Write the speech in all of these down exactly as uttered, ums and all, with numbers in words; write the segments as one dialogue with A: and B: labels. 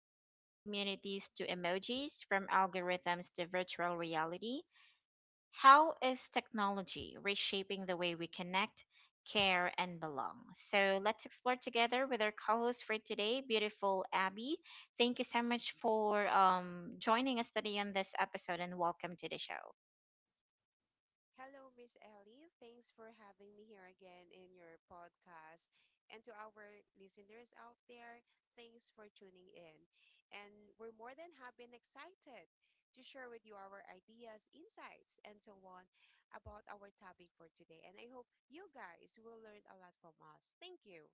A: from online communities to emojis, from algorithms to virtual reality, how is technology reshaping the way we connect, care, and belong? So let's explore together with our co-host for today, beautiful Abby. Thank you so much for um, joining us today on this episode, and welcome to the show.
B: Hello, Miss Ellie. Thanks for having me here again in your podcast. And to our listeners out there, thanks for tuning in. And we're more than happy and excited to share with you our ideas, insights, and so on about our topic for today. And I hope you guys will learn a lot from us. Thank you.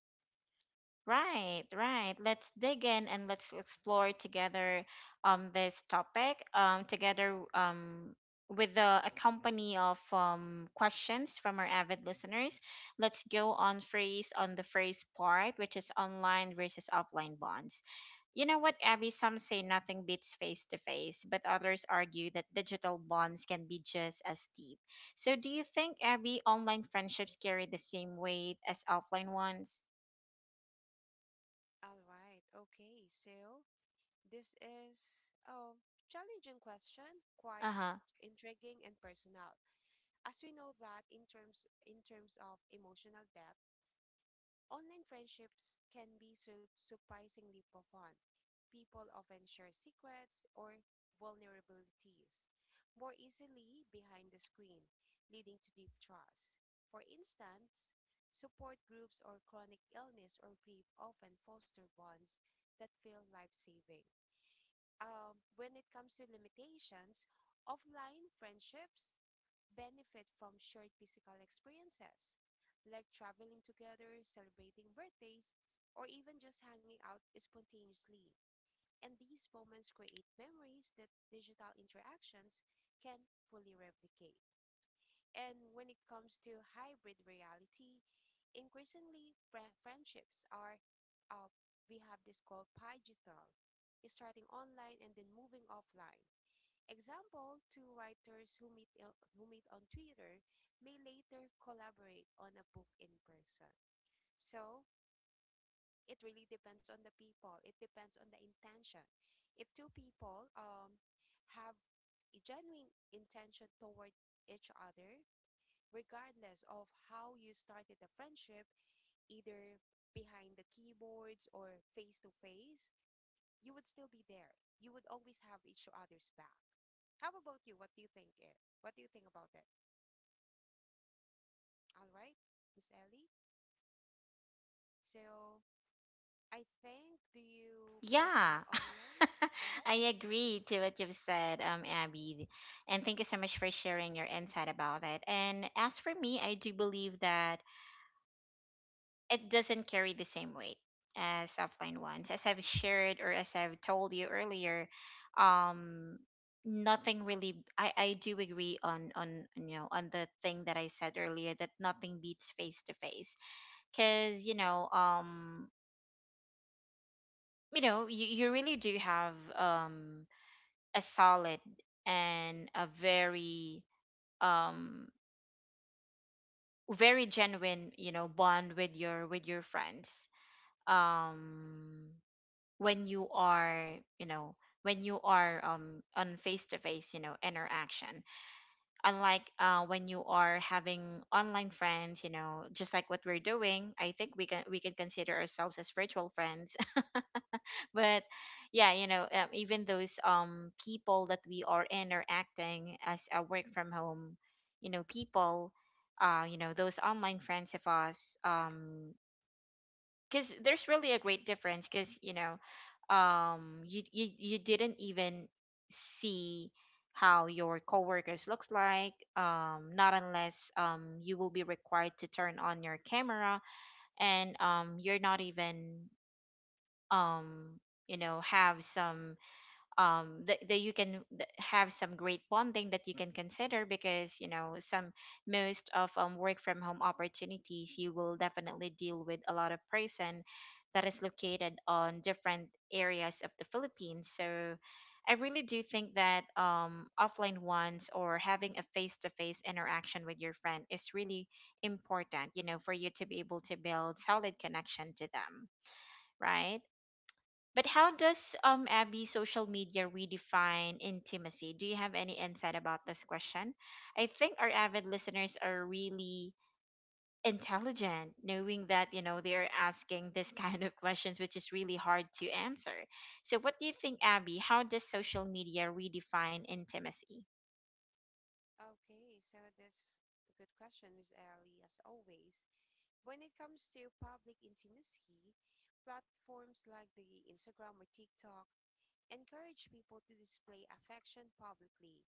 A: Right, right. Let's dig in and let's explore together um this topic um together um with the a company of um questions from our avid listeners. Let's go on phrase on the phrase part, which is online versus offline bonds. You know what, Abby? Some say nothing beats face to face, but others argue that digital bonds can be just as deep. So, do you think, Abby, online friendships carry the same weight as offline ones?
B: All right. Okay. So this is a challenging question, quite
A: Uh huh.
B: intriguing and personal. As we know that in terms in terms of emotional depth, online friendships can be su- surprisingly profound. People often share secrets or vulnerabilities more easily behind the screen, leading to deep trust. For instance, support groups or chronic illness or grief often foster bonds that feel life-saving um, when it comes to limitations, offline friendships benefit from shared physical experiences, like traveling together, celebrating birthdays, or even just hanging out spontaneously. And these moments create memories that digital interactions can fully replicate. And when it comes to hybrid reality, increasingly fri- friendships are, uh, we have this called digital, starting online and then moving offline. Example, two writers who meet il- who meet on Twitter may later collaborate on a book in person. So it really depends on the people. It depends on the intention. If two people um have a genuine intention toward each other, regardless of how you started the friendship, either behind the keyboards or face to face, you would still be there. You would always have each other's back. How about you? What do you think it? What do you think about it? All right, Miss Ellie. So I think, do you prefer
A: Yeah,
B: online? Go ahead.
A: I agree to what you've said, um, Abby. And thank you so much for sharing your insight about it. And as for me, I do believe that it doesn't carry the same weight as offline ones. As I've shared, or as I've told you earlier, um, nothing really. I I do agree on on you know on the thing that I said earlier, that nothing beats face to face, because you know um you know you, you really do have um a solid and a very um very genuine you know bond with your with your friends um when you are you know when you are um on face to face you know interaction, unlike uh when you are having online friends, you know, just like what we're doing. I think we can we can consider ourselves as virtual friends. But yeah, you know, um, even those um people that we are interacting as a work from home you know people, uh you know, those online friends of us, um because there's really a great difference, because you know um you, you you didn't even see how your coworkers looks like, um not unless um you will be required to turn on your camera. And um you're not even um you know have some um that, that you can th- have some great bonding that you can consider, because you know, some most of um, work from home opportunities, you will definitely deal with a lot of person that is located on different areas of the philippines. So I really do think that um, offline ones, or having a face-to-face interaction with your friend, is really important, you know, for you to be able to build solid connection to them, right? But how does um Abby, social media redefine intimacy? Do you have any insight about this question? I think our avid listeners are really intelligent, knowing that you know
B: Mm-mm.
A: they're asking this kind of questions, which is really hard to answer. So what do you think, Abby, how does social media redefine intimacy?
B: Okay, so that's a good question, Miss Ellie, as always. When it comes to public intimacy, platforms like the Instagram or TikTok encourage people to display affection publicly,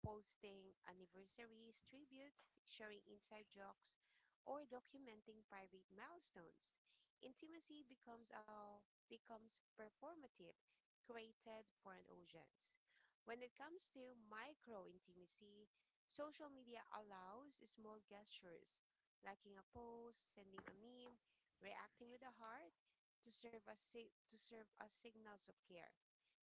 B: posting anniversaries, tributes, sharing inside jokes, or documenting private milestones. Intimacy becomes a becomes performative, created for an audience. When it comes to micro intimacy, social media allows small gestures, liking a post, sending a meme, reacting with a heart to serve as si- to serve as signals of care.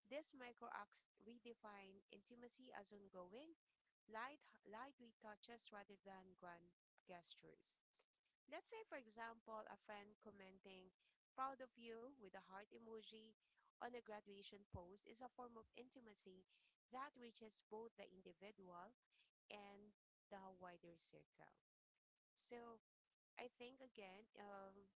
B: These micro acts redefine intimacy as ongoing, light, lightly touches rather than grand gestures. Let's say, for example, a friend commenting, proud of you with a heart emoji on a graduation post is a form of intimacy that reaches both the individual and the wider circle. So I think again, um,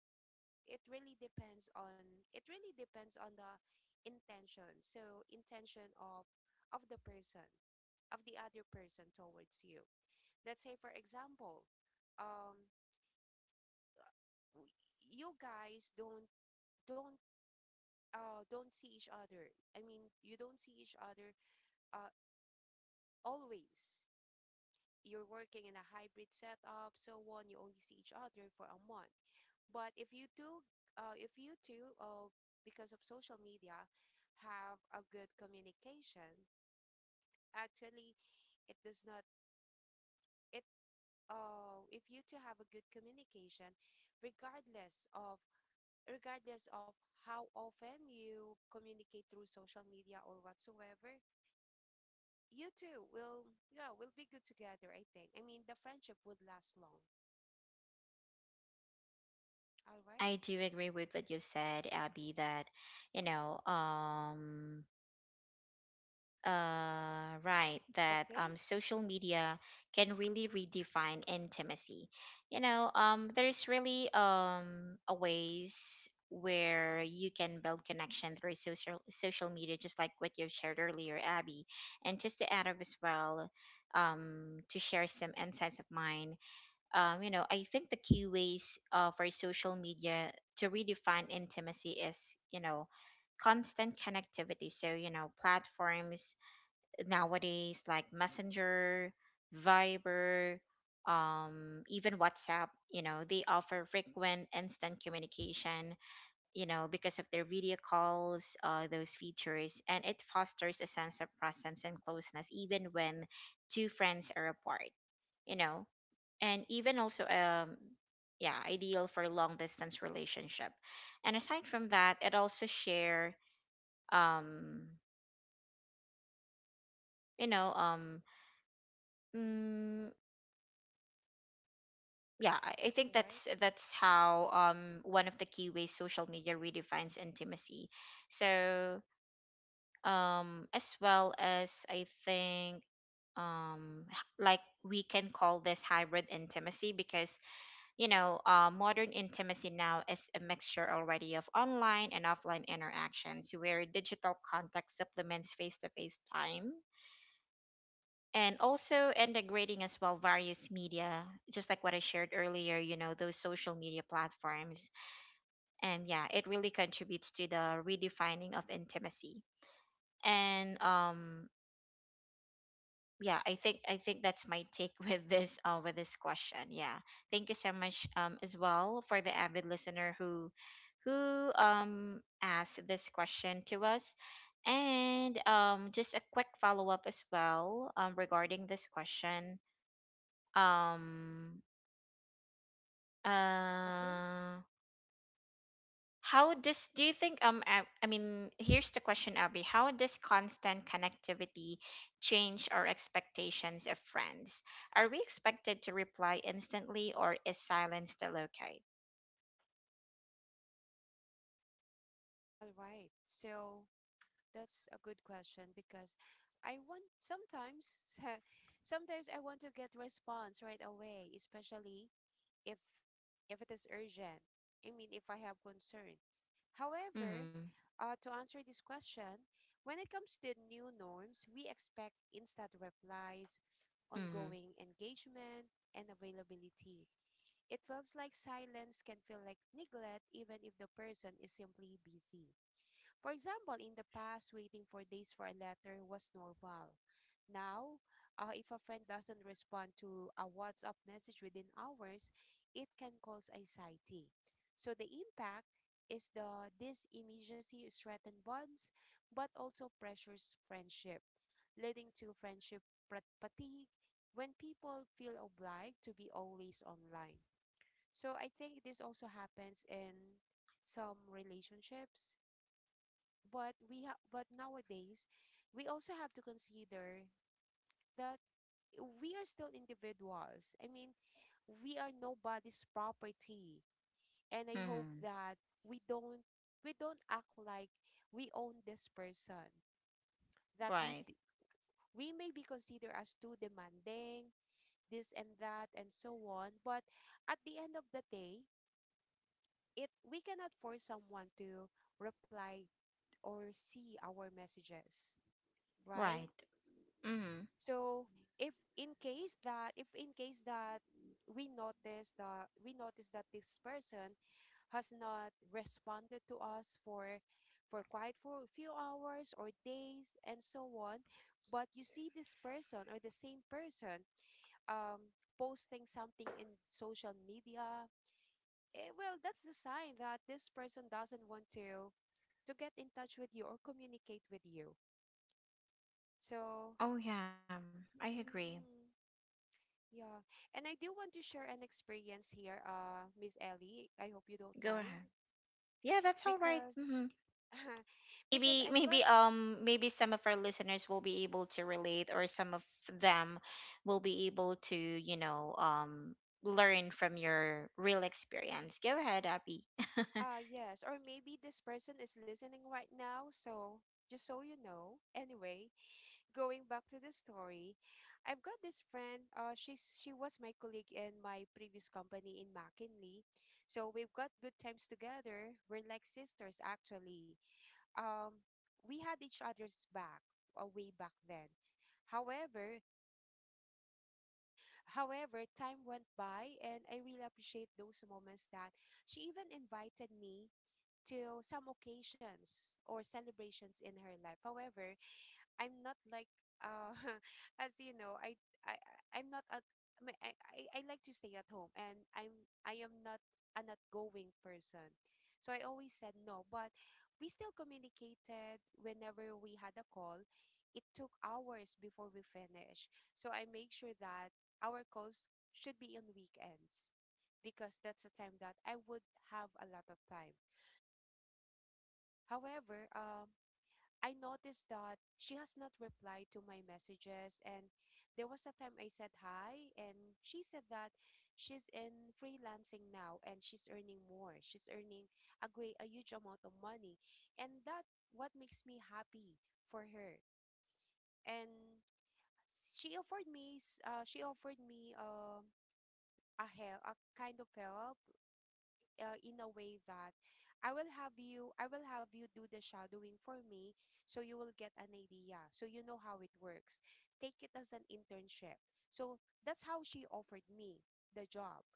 B: it really depends on, it really depends on the intention, so intention of of the person of the other person towards you. Let's say, for example, um w- you guys don't don't uh don't see each other. I mean, you don't see each other, uh always you're working in a hybrid setup, so on, you only see each other for a month. But if you do, uh, if you two, uh, because of social media, have a good communication, actually, it does not. It uh, if you two have a good communication, regardless of regardless of how often you communicate through social media or whatsoever, you two will, yeah, will be good together. I think. I mean, the friendship would last long. All right.
A: I do agree with what you said, Abby, that you know um uh, right, that
B: Okay.
A: um, social media can really
B: Mm-mm.
A: redefine intimacy. You know um, there's really um, a ways where you can build connection through social social media, just like what you shared earlier, Abby. And just to add up as well, um, to share some insights of mine, um, you know, I think the key ways, uh, for social media to redefine intimacy, is you know constant connectivity. So you know platforms nowadays like Messenger, Viber, um, even WhatsApp, you know they offer frequent instant communication, you know, because of their video calls, uh, those features, and it fosters a sense of presence and closeness even when two friends are apart, you know. And even also um yeah, ideal for long distance relationship. And aside from that, it also share um you know um
B: Mm-mm.
A: mm, yeah, i I think
B: All right.
A: that's that's how um one of the key ways social media redefines intimacy. So um as well as, I think um h- like we can call this hybrid intimacy, because you know uh, modern intimacy now is a mixture already of online and offline interactions, where digital contact supplements face-to-face time, and also integrating as well various media, just like what I shared earlier, you know, those social media platforms. And yeah, it really contributes to the redefining of intimacy. And um yeah, i think i think that's my take with this uh with this question. Yeah, thank you so much um as well for the avid listener who who um asked this question to us. And um just a quick follow up as well um regarding this question. um
B: Okay.
A: uh how does, do you think um I, I mean, here's the question, Abby. How does constant connectivity change our expectations of friends? Are we expected to reply instantly, or is silence still okay?
B: All right. So that's a good question because I want, sometimes sometimes I want to get response right away, especially if if it is urgent. I mean, if I have concern. However,
A: Mm-hmm.
B: uh, to answer this question, when it comes to new norms, we expect instant replies,
A: Mm-hmm.
B: ongoing engagement, and availability. It feels like silence can feel like neglect even if the person is simply busy. For example, in the past, waiting for days for a letter was normal. Now, uh, if a friend doesn't respond to a WhatsApp message within hours, it can cause anxiety. So the impact is the this immediacy strengthens bonds, but also pressures friendship, leading to friendship prat- fatigue when people feel obliged to be always online. So I think this also happens in some relationships, but we ha- but nowadays we also have to consider that we are still individuals. I mean, we are nobody's property. And I hope
A: Mm-hmm.
B: that we don't we don't act like we own this person. That we
A: Right.
B: d- we may be considered as too demanding, this and that and so on, but at the end of the day, it we cannot force someone to reply or see our messages, right?
A: Right. Mm-hmm.
B: So if in case that if in case that we notice that we notice that this person has not responded to us for for quite for a few hours or days and so on, but you see this person or the same person um posting something in social media. Eh, well, that's a sign that this person doesn't want to to get in touch with you or communicate with you. So,
A: Oh yeah, I agree.
B: mm-mm, yeah. And I do want to share an experience here, uh, Miss Ellie. I hope you don't
A: Go ahead.
B: mind
A: Yeah, that's all right.
B: because
A: Mm-hmm.
B: because
A: Maybe,
B: I've got,
A: maybe, um maybe some of our listeners will be able to relate, or some of them will be able to you know um learn from your real experience. Go ahead, Abby.
B: uh yes, or maybe this person is listening right now, so just so you know. Anyway, going back to the story, I've got this friend. Uh, she's she was my colleague in my previous company in McKinley, so we've got good times together. We're like sisters, actually. Um, we had each other's back, uh, way back then. However, however, time went by, and I really appreciate those moments that she even invited me to some occasions or celebrations in her life. However, I'm not like, uh as you know, I I I- I'm not a, I mean, I I I like to stay at home and I'm I am not an outgoing person. So I always said no, but we still communicated whenever we had a call. It took hours before we finish. So I make sure that our calls should be on weekends because that's a time that I would have a lot of time. However, um, I noticed that she has not replied to my messages. And there was a time I said hi, and she said that she's in freelancing now and she's earning more. She's earning a great, a huge amount of money. And that what makes me happy for her. And she offered me, s- uh, she offered me um a help, a kind of help, uh, in a way that I will have you I will have you do the shadowing for me, so you will get an idea, so you know how it works, take it as an internship. So that's how she offered me the job.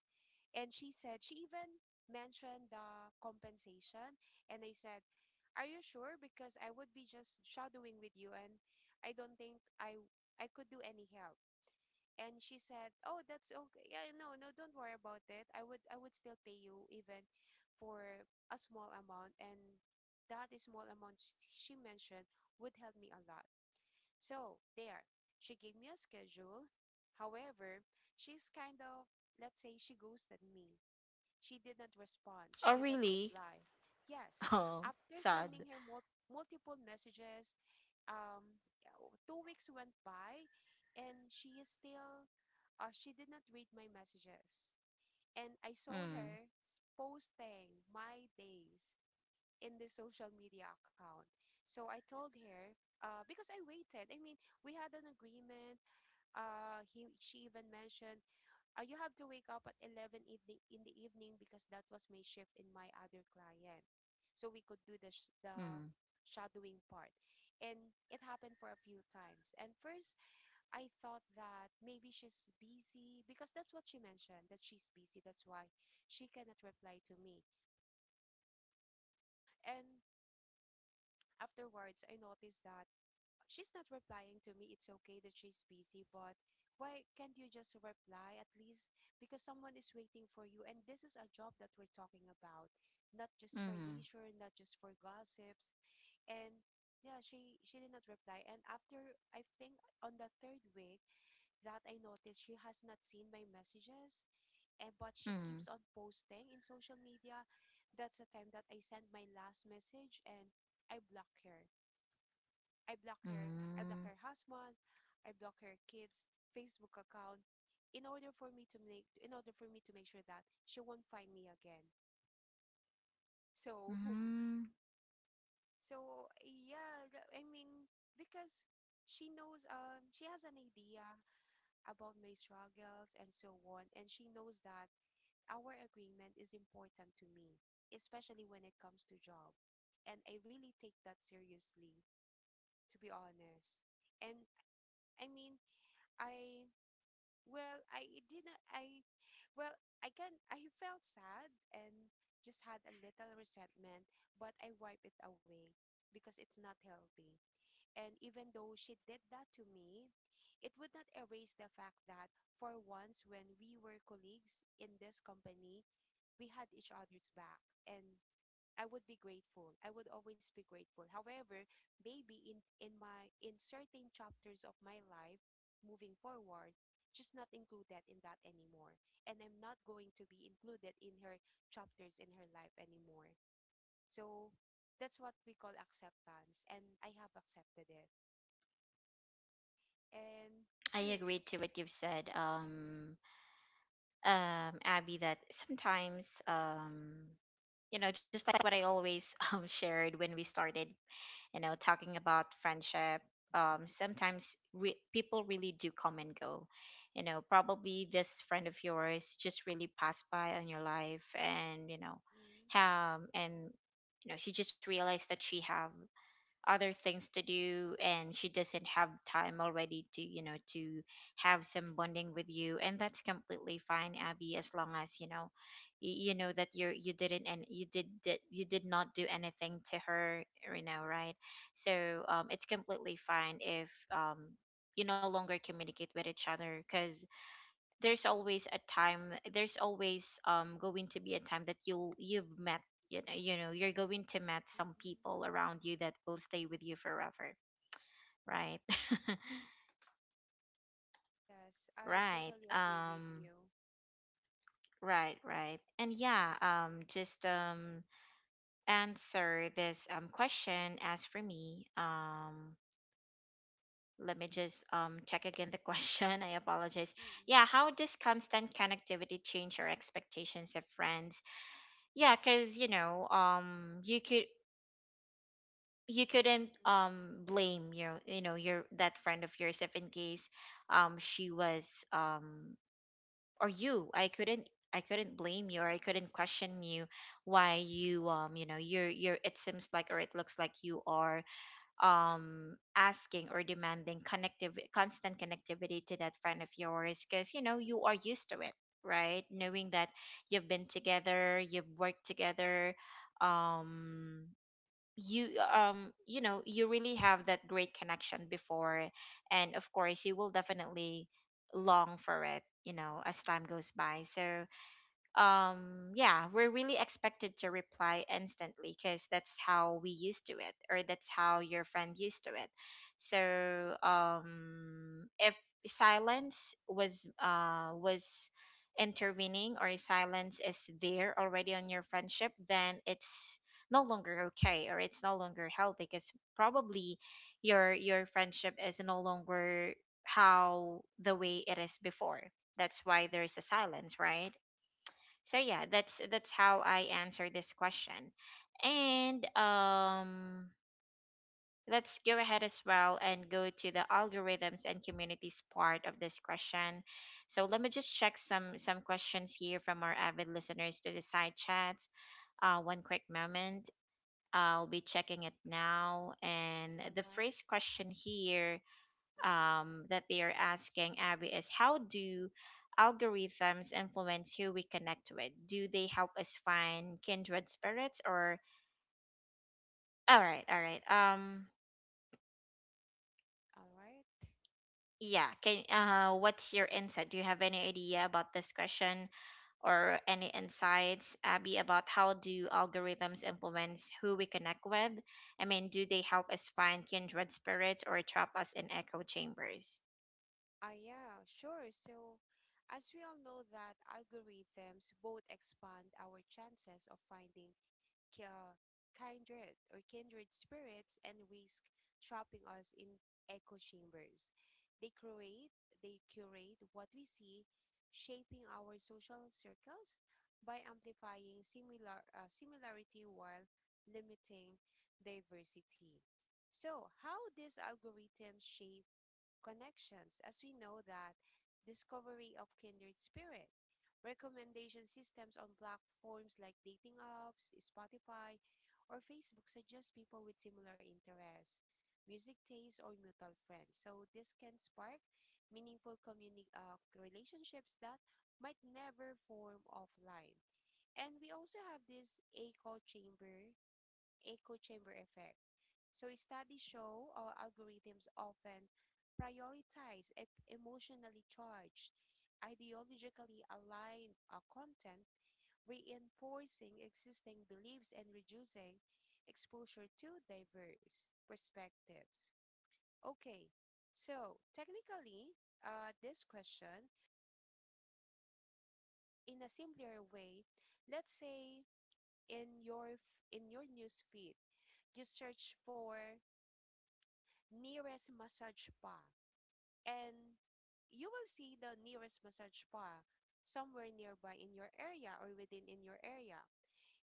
B: And she said, she even mentioned the compensation, and I said, are you sure? Because I would be just shadowing with you and I don't think I I could do any help. And she said, oh, that's okay, yeah, no no don't worry about it, i would I would still pay you even for a small amount, and that small amount sh- she mentioned would help me a lot. So there, she gave me a schedule. However, she's kind of, let's say, she ghosted me. She did not respond. She
A: Oh
B: did not
A: really?
B: reply. Yes,
A: Oh,
B: after
A: sad.
B: sending her mul- multiple messages, um, yeah, w- two weeks went by, and she is still, uh, she did not read my messages. And I saw
A: Mm.
B: her s- posting my days in the social media account. So I told her, uh, because I waited. I mean, we had an agreement. Uh, he she even mentioned, uh, you have to wake up at eleven evening in the evening because that was my shift in my other client. So we could do the, sh-
A: Mm.
B: the shadowing part. And it happened for a few times. And first, I thought that maybe she's busy because that's what she mentioned, that she's busy. That's why she cannot reply to me. And afterwards, I noticed that she's not replying to me. It's okay that she's busy, but why can't you just reply at least? Because someone is waiting for you. And this is a job that we're talking about, not just for
A: Mm.
B: leisure, not just for gossips. And yeah, she she did not reply. And after I think on the third week that I noticed she has not seen my messages, and but she
A: Mm.
B: keeps on posting in social media. That's the time that I sent my last message and I block her I block her. I block
A: Mm.
B: her husband. I block her kids' Facebook account in order for me to make in order for me to make sure that she won't find me again. So
A: Mm.
B: so yeah, th- I mean because she knows, um she has an idea about my struggles and so on, and she knows that our agreement is important to me, especially when it comes to job. And I really take that seriously, to be honest. And I mean, I Well, I did not. I, well, I can. I felt sad and just had a little resentment, but I wipe it away because it's not healthy. And even though she did that to me, it would not erase the fact that for once, when we were colleagues in this company, we had each other's back. And I would be grateful. I would always be grateful. However, maybe in in my in certain chapters of my life moving forward, just not include that in that anymore. And I'm not going to be included in her chapters in her life anymore. So that's what we call acceptance and I have accepted it. And
A: I agree to what you've said, um um Abby, that sometimes um you know, just like what I always um shared when we started you know talking about friendship, um sometimes re- people really do come and go. You know, probably this friend of yours just really passed by on your life, and you know
B: mm-mm,
A: um and you know, she just realized that she have other things to do, and she doesn't have time already to you know to have some bonding with you. And that's completely fine, Abby, as long as you know y- you know that you're you didn't, and you did, did you did not do anything to her, you know, right? So um it's completely fine if um you no longer communicate with each other, because there's always a time, there's always um going to be a time that you'll you've met, you know. You know, you're going to met some
B: mm-mm.
A: people around you that will stay with you forever, right?
B: Yes, I
A: Right.
B: totally agree with
A: Um
B: you.
A: right, right. And yeah, um just um answer this um question. As for me, um let me just um check again the question. I apologize. Yeah,
B: Mm-mm,
A: how does constant connectivity change your expectations of friends? Yeah, because you know um you could, you couldn't
B: mm-mm,
A: um blame your, you know, your that friend of yours if in case um she was um or you. I couldn't, I couldn't blame you, or I
B: mm-mm,
A: couldn't question you why you, um you know, you're you're it seems like, or it looks like you are um asking or demanding connective constant connectivity to that friend of yours, because you know you are
B: mm-mm.
A: used to it, right? Knowing that you've been together, you've worked together, um you um you know you really have that great connection before, and of course you will definitely long for it, you know, as time goes by. So um yeah, we're really expected to reply instantly, because that's how we used to it, or that's how your friend used to it. So um if silence was uh was intervening, or silence is there already on your friendship, then it's no longer okay, or it's no longer healthy, because probably your your friendship is no longer how the way it is before. That's why there is a silence, right? So yeah, that's that's how I answer this question. And um let's go ahead as well and go to the algorithms and communities part of this question. So let me just check some some questions here from our avid listeners to the side chats. uh, one quick moment, I'll be checking it now. And
B: All
A: the
B: right.
A: first question here
B: Mm-mm.
A: um, that they are asking Abby is, how do algorithms influence who we connect with? Do they help us find kindred spirits, or all right, all right. Um
B: All right.
A: yeah, can uh what's your insight? Do you have any idea about this question, or any insights, Abby, about how do algorithms influence who we connect with? I mean, do they help us find kindred spirits, or trap us in echo chambers?
B: Ah, yeah, sure. So, as we all know that algorithms both expand our chances of finding ki- uh, kindred or kindred spirits and risk trapping us in echo chambers. They create, they curate what we see, shaping our social circles by amplifying similar uh, similarity while limiting diversity. So, how these algorithms shape connections, as we know that discovery of kindred spirit, recommendation systems on platforms like dating apps, Spotify, or Facebook suggest people with similar interests, music tastes, or mutual friends. So this can spark meaningful communi- uh, relationships that might never form offline. And we also have this echo chamber echo chamber effect. So studies show our algorithms often prioritize e- emotionally charged, ideologically aligned uh, content, reinforcing existing beliefs and reducing exposure to diverse perspectives. Okay, so technically, uh, this question, uh, in a simpler way, let's say in your f- in your news feed, you search for nearest massage spa. And you will see the nearest massage spa somewhere nearby in your area or within in your area.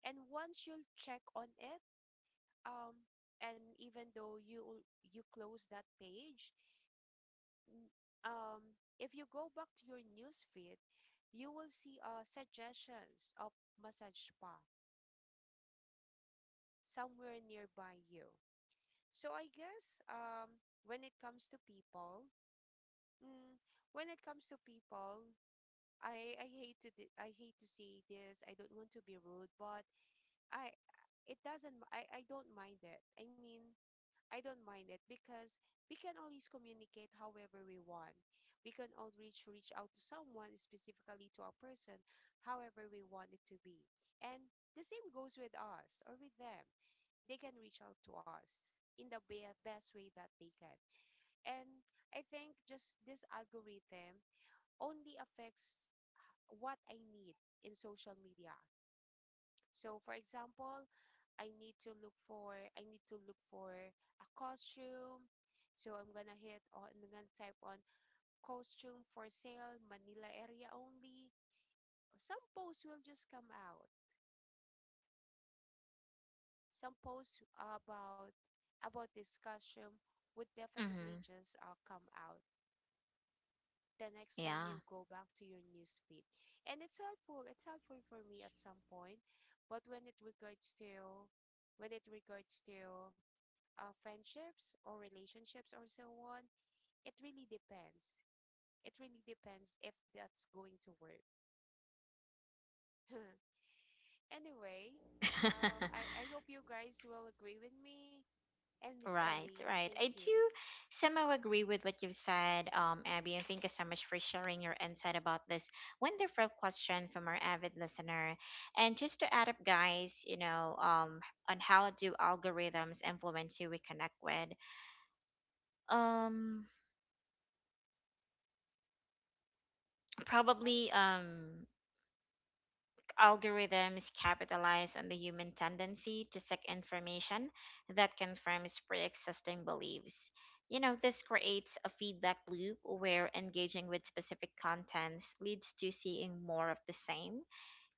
B: And once you'll check on it, um, and even though you you close that page, n- um, if you go back to your news feed, you will see uh, suggestions of massage spa somewhere nearby you. So I guess um, when it comes to people, mm, when it comes to people, I I hate to di- I hate to say this. I don't want to be rude, but I it doesn't m- I I don't mind it. I mean, I don't mind it because we can always communicate however we want. We can always reach out to someone, specifically to a person, however we want it to be. And the same goes with us or with them. They can reach out to us in the be- best way that they can. And I think just this algorithm only affects what I need in social media. So for example, I need to look for I need to look for a costume. So I'm gonna hit on I'm gonna type on costume for sale, Manila area only. Some posts will just come out. Some posts about about this costume would definitely
A: Mm-hmm.
B: just uh, come out the next time
A: Yeah.
B: you go back to your newsfeed. And it's helpful. It's helpful for me at some point. But when it regards to when it regards to uh, friendships or relationships or so on, it really depends. It really depends if that's going to work. Anyway, um, I, I hope you guys will agree with me and Miss
A: Right,
B: Ellie.
A: right. I
B: Thank you.
A: do somehow agree with what you've said, um, Abby, and thank you so much for sharing your insight about this wonderful question from our avid listener. And just to add up, guys, you know, um, on how do algorithms influence who we connect with? Um,
B: All right.
A: probably, um, Algorithms capitalize on the human tendency to seek information that confirms pre existing beliefs. You know, this creates a feedback loop where engaging with specific contents leads to seeing more of the same,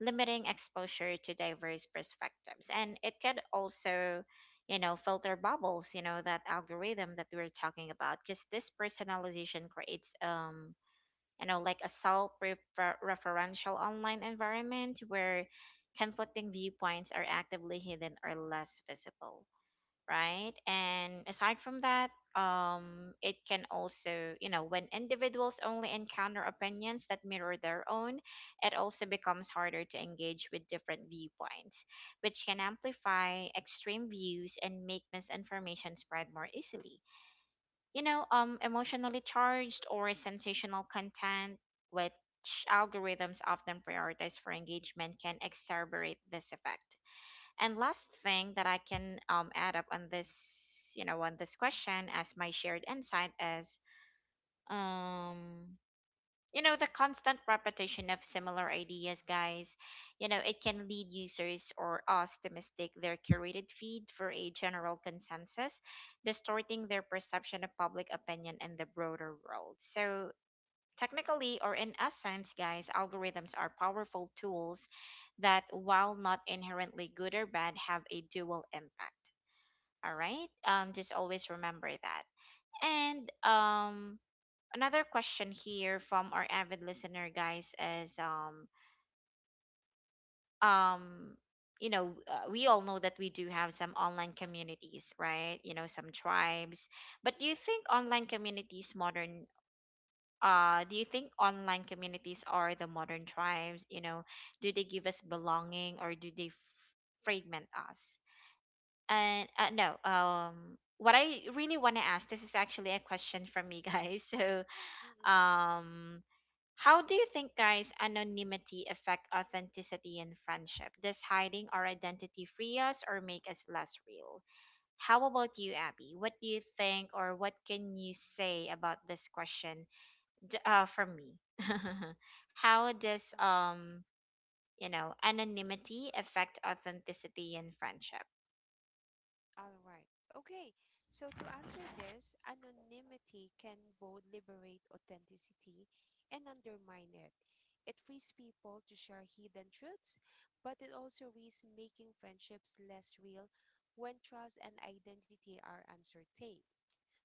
A: limiting exposure to diverse perspectives. And it could also, you know, filter bubbles, you know, that algorithm that we were talking about, because this personalization creates um, you know, like a self-referential online environment where conflicting viewpoints are actively hidden or less visible, right? And aside from that, um, it can also, you know, when individuals only encounter opinions that mirror their own, it also becomes harder to engage with different viewpoints, which can amplify extreme views and make misinformation spread more easily. You know, um, emotionally charged or sensational content, which algorithms often prioritize for engagement, can exacerbate this effect. And last thing that I can um, add up on this, you know, on this question as my shared insight is, um, you know, the constant repetition of similar ideas, guys, you know, it can lead users or us to mistake their curated feed for a general consensus, distorting their perception of public opinion in the broader world. So technically or in essence, guys, algorithms are powerful tools that, while not inherently good or bad, have a dual impact. All right, um just always remember that. And um another question here from our avid listener, guys, is um um you know, uh, we all know that we do have some online communities, right? You know, some tribes. But do you think online communities modern, uh do you think online communities are the modern tribes? You know, do they give us belonging, or do they f- fragment us? And uh, no um what I really want to ask, this is actually a question from me, guys, so
B: Mm-mm.
A: um how do you think, guys, anonymity affect authenticity in friendship? Does hiding our identity free us or make us less real? How about you, Abby? What do you think, or what can you say about this question? D- uh, from me, how does
B: Oh.
A: um you know, anonymity affect authenticity in friendship?
B: All right. Okay. So to answer this, anonymity can both liberate authenticity and undermine it. It frees people to share hidden truths, but it also risks making friendships less real when trust and identity are uncertain.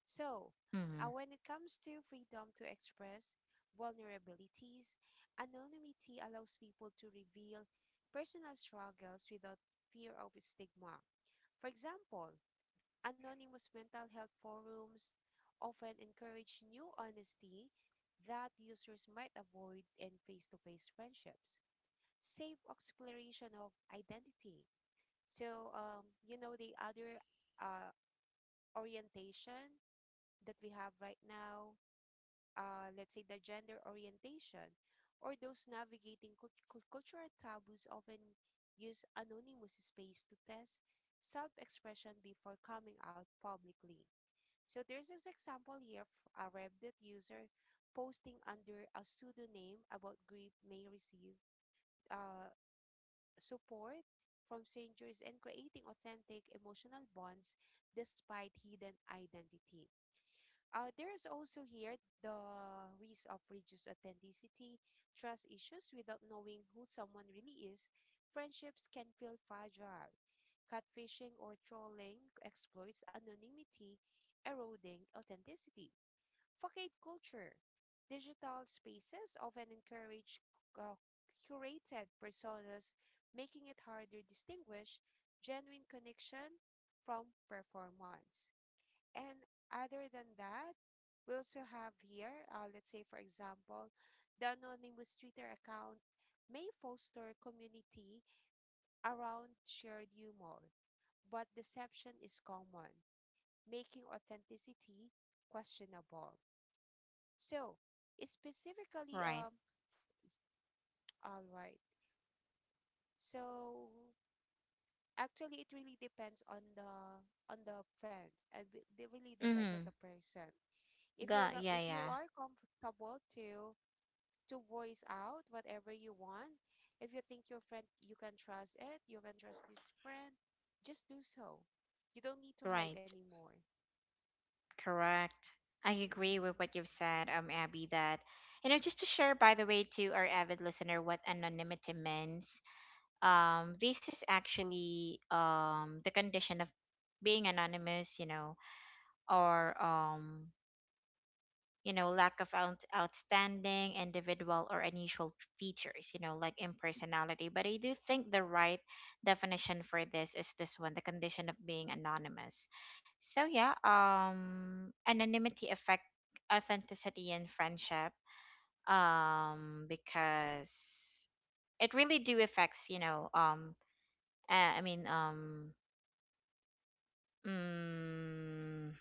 B: So, uh,
A: Mm-hmm.
B: when it comes to freedom to express vulnerabilities, anonymity allows people to reveal personal struggles without fear of stigma. For example, anonymous mental health forums often encourage new honesty that users might avoid in face to face friendships. Safe exploration of identity. So, um, you know, the other uh, orientation that we have right now, uh, let's say the gender orientation, or those navigating cult- cult- cultural taboos often use anonymous space to test self expression before coming out publicly. So there's this example here of a Reddit user posting under a pseudonym about grief may receive uh, support from strangers and creating authentic emotional bonds despite hidden identity. Uh, there is also here the risk of reduced authenticity, trust issues without knowing who someone really is. Friendships can feel fragile. Catfishing or trolling exploits anonymity, eroding authenticity. Facade culture. Digital spaces often encourage uh, curated personas, making it hard to distinguish genuine connection from performance. And other than that, we also have here, uh, let's say, for example, the anonymous Twitter account may foster community around shared humor, but deception is common, making authenticity questionable. So, specifically,
A: Right.
B: um, all right. So, actually, it really depends on the on the friends, and b- it really depends on
A: Mm-hmm.
B: the person. If
A: Go,
B: you're go-
A: yeah,
B: if you
A: yeah,
B: are comfortable to to voice out whatever you want, if you think your friend you can trust it, you can trust this friend, just do so. You don't need to hide
A: right.
B: anymore.
A: Correct. I agree with what
B: Mm-hmm.
A: you've said, um, Abby, that, you know, just to share, by the way, to our avid listener what anonymity means, um, this is actually um, the condition of being anonymous, you know, or um, you know, lack of out- outstanding individual or unusual features, you know, like impersonality. But I do think the right definition for this is this one, the condition of being anonymous. So yeah, um anonymity affect authenticity in friendship. Um because it really do affects, you know, um uh, I mean, um mm,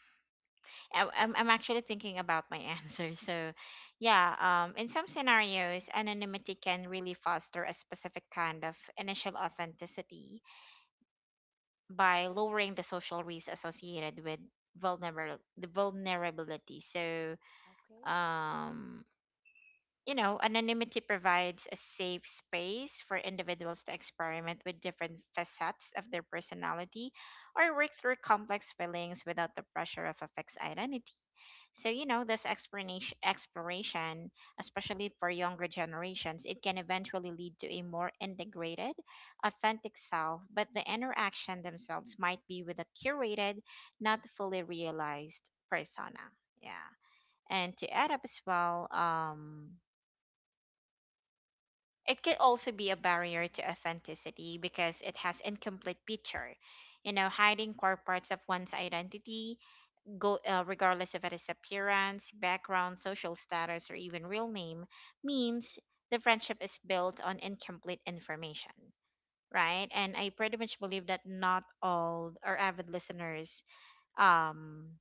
A: I, I'm, I'm actually thinking about my answer. So, yeah, um, in some scenarios, anonymity can really foster a specific kind of initial authenticity by lowering the social risk associated with vulnerable the vulnerability. So,
B: Okay.
A: um, you know, anonymity provides a safe space for individuals to experiment with different facets of their personality or work through complex feelings without the pressure of a fixed identity. So you know, this explanation exploration, especially for younger generations, it can eventually lead to a more integrated, authentic self, but the interaction themselves might be with a curated, not fully realized persona. Yeah. And to add up as well, um it could also be a
B: All
A: barrier to
B: right.
A: authenticity because it has incomplete picture, you know, hiding core parts of one's identity, go uh, regardless of its appearance, background, social status, or even real name, means the friendship is built on incomplete information, right? And I pretty much believe that not all our avid listeners, um,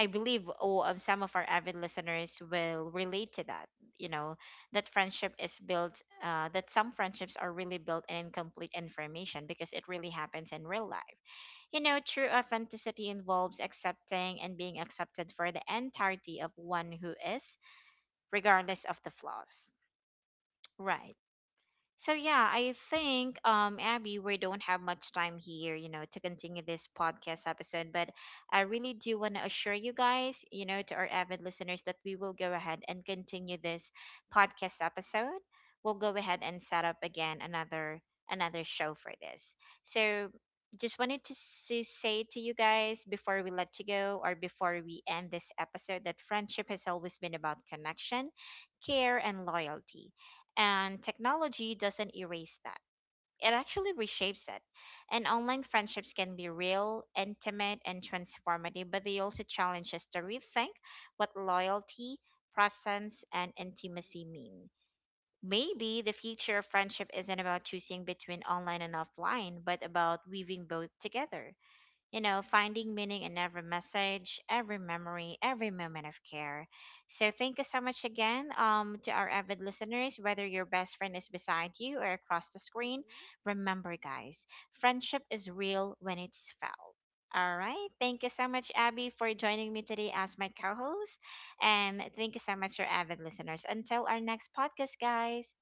A: I believe oh, um, some of our avid listeners will relate to that. You know, that friendship is built, uh, that some friendships are really built on incomplete information because it really happens in real life. You know, true authenticity involves accepting and being accepted for the entirety of one who is, regardless of the flaws. Right. So yeah, I think um Abby, we don't have much time here, you know, to continue this podcast episode, but I really do want to assure you guys, you know, to our avid listeners that we will go ahead and continue this podcast episode. We'll go ahead and set up again another another show for this. So just wanted to, s- to say to you guys before we let you go or before we end this episode that friendship has always been about connection, care and loyalty, and technology doesn't erase that. It actually reshapes it. And online friendships can be real, intimate, and transformative, but they also challenge us to rethink what loyalty, presence, and intimacy mean. Maybe the future of friendship isn't about choosing between online and offline, but about weaving both together, you know, finding meaning in every message, every memory, every moment of care. So thank you so much again, um, to our avid listeners, whether your best friend is beside you or across the screen.
B: Mm-hmm.
A: Remember, guys, friendship is real when it's felt. All right. Thank you so much, Abby, for
B: Yes.
A: joining me today as my co host. And thank you so much, your avid listeners. Until our next podcast, guys.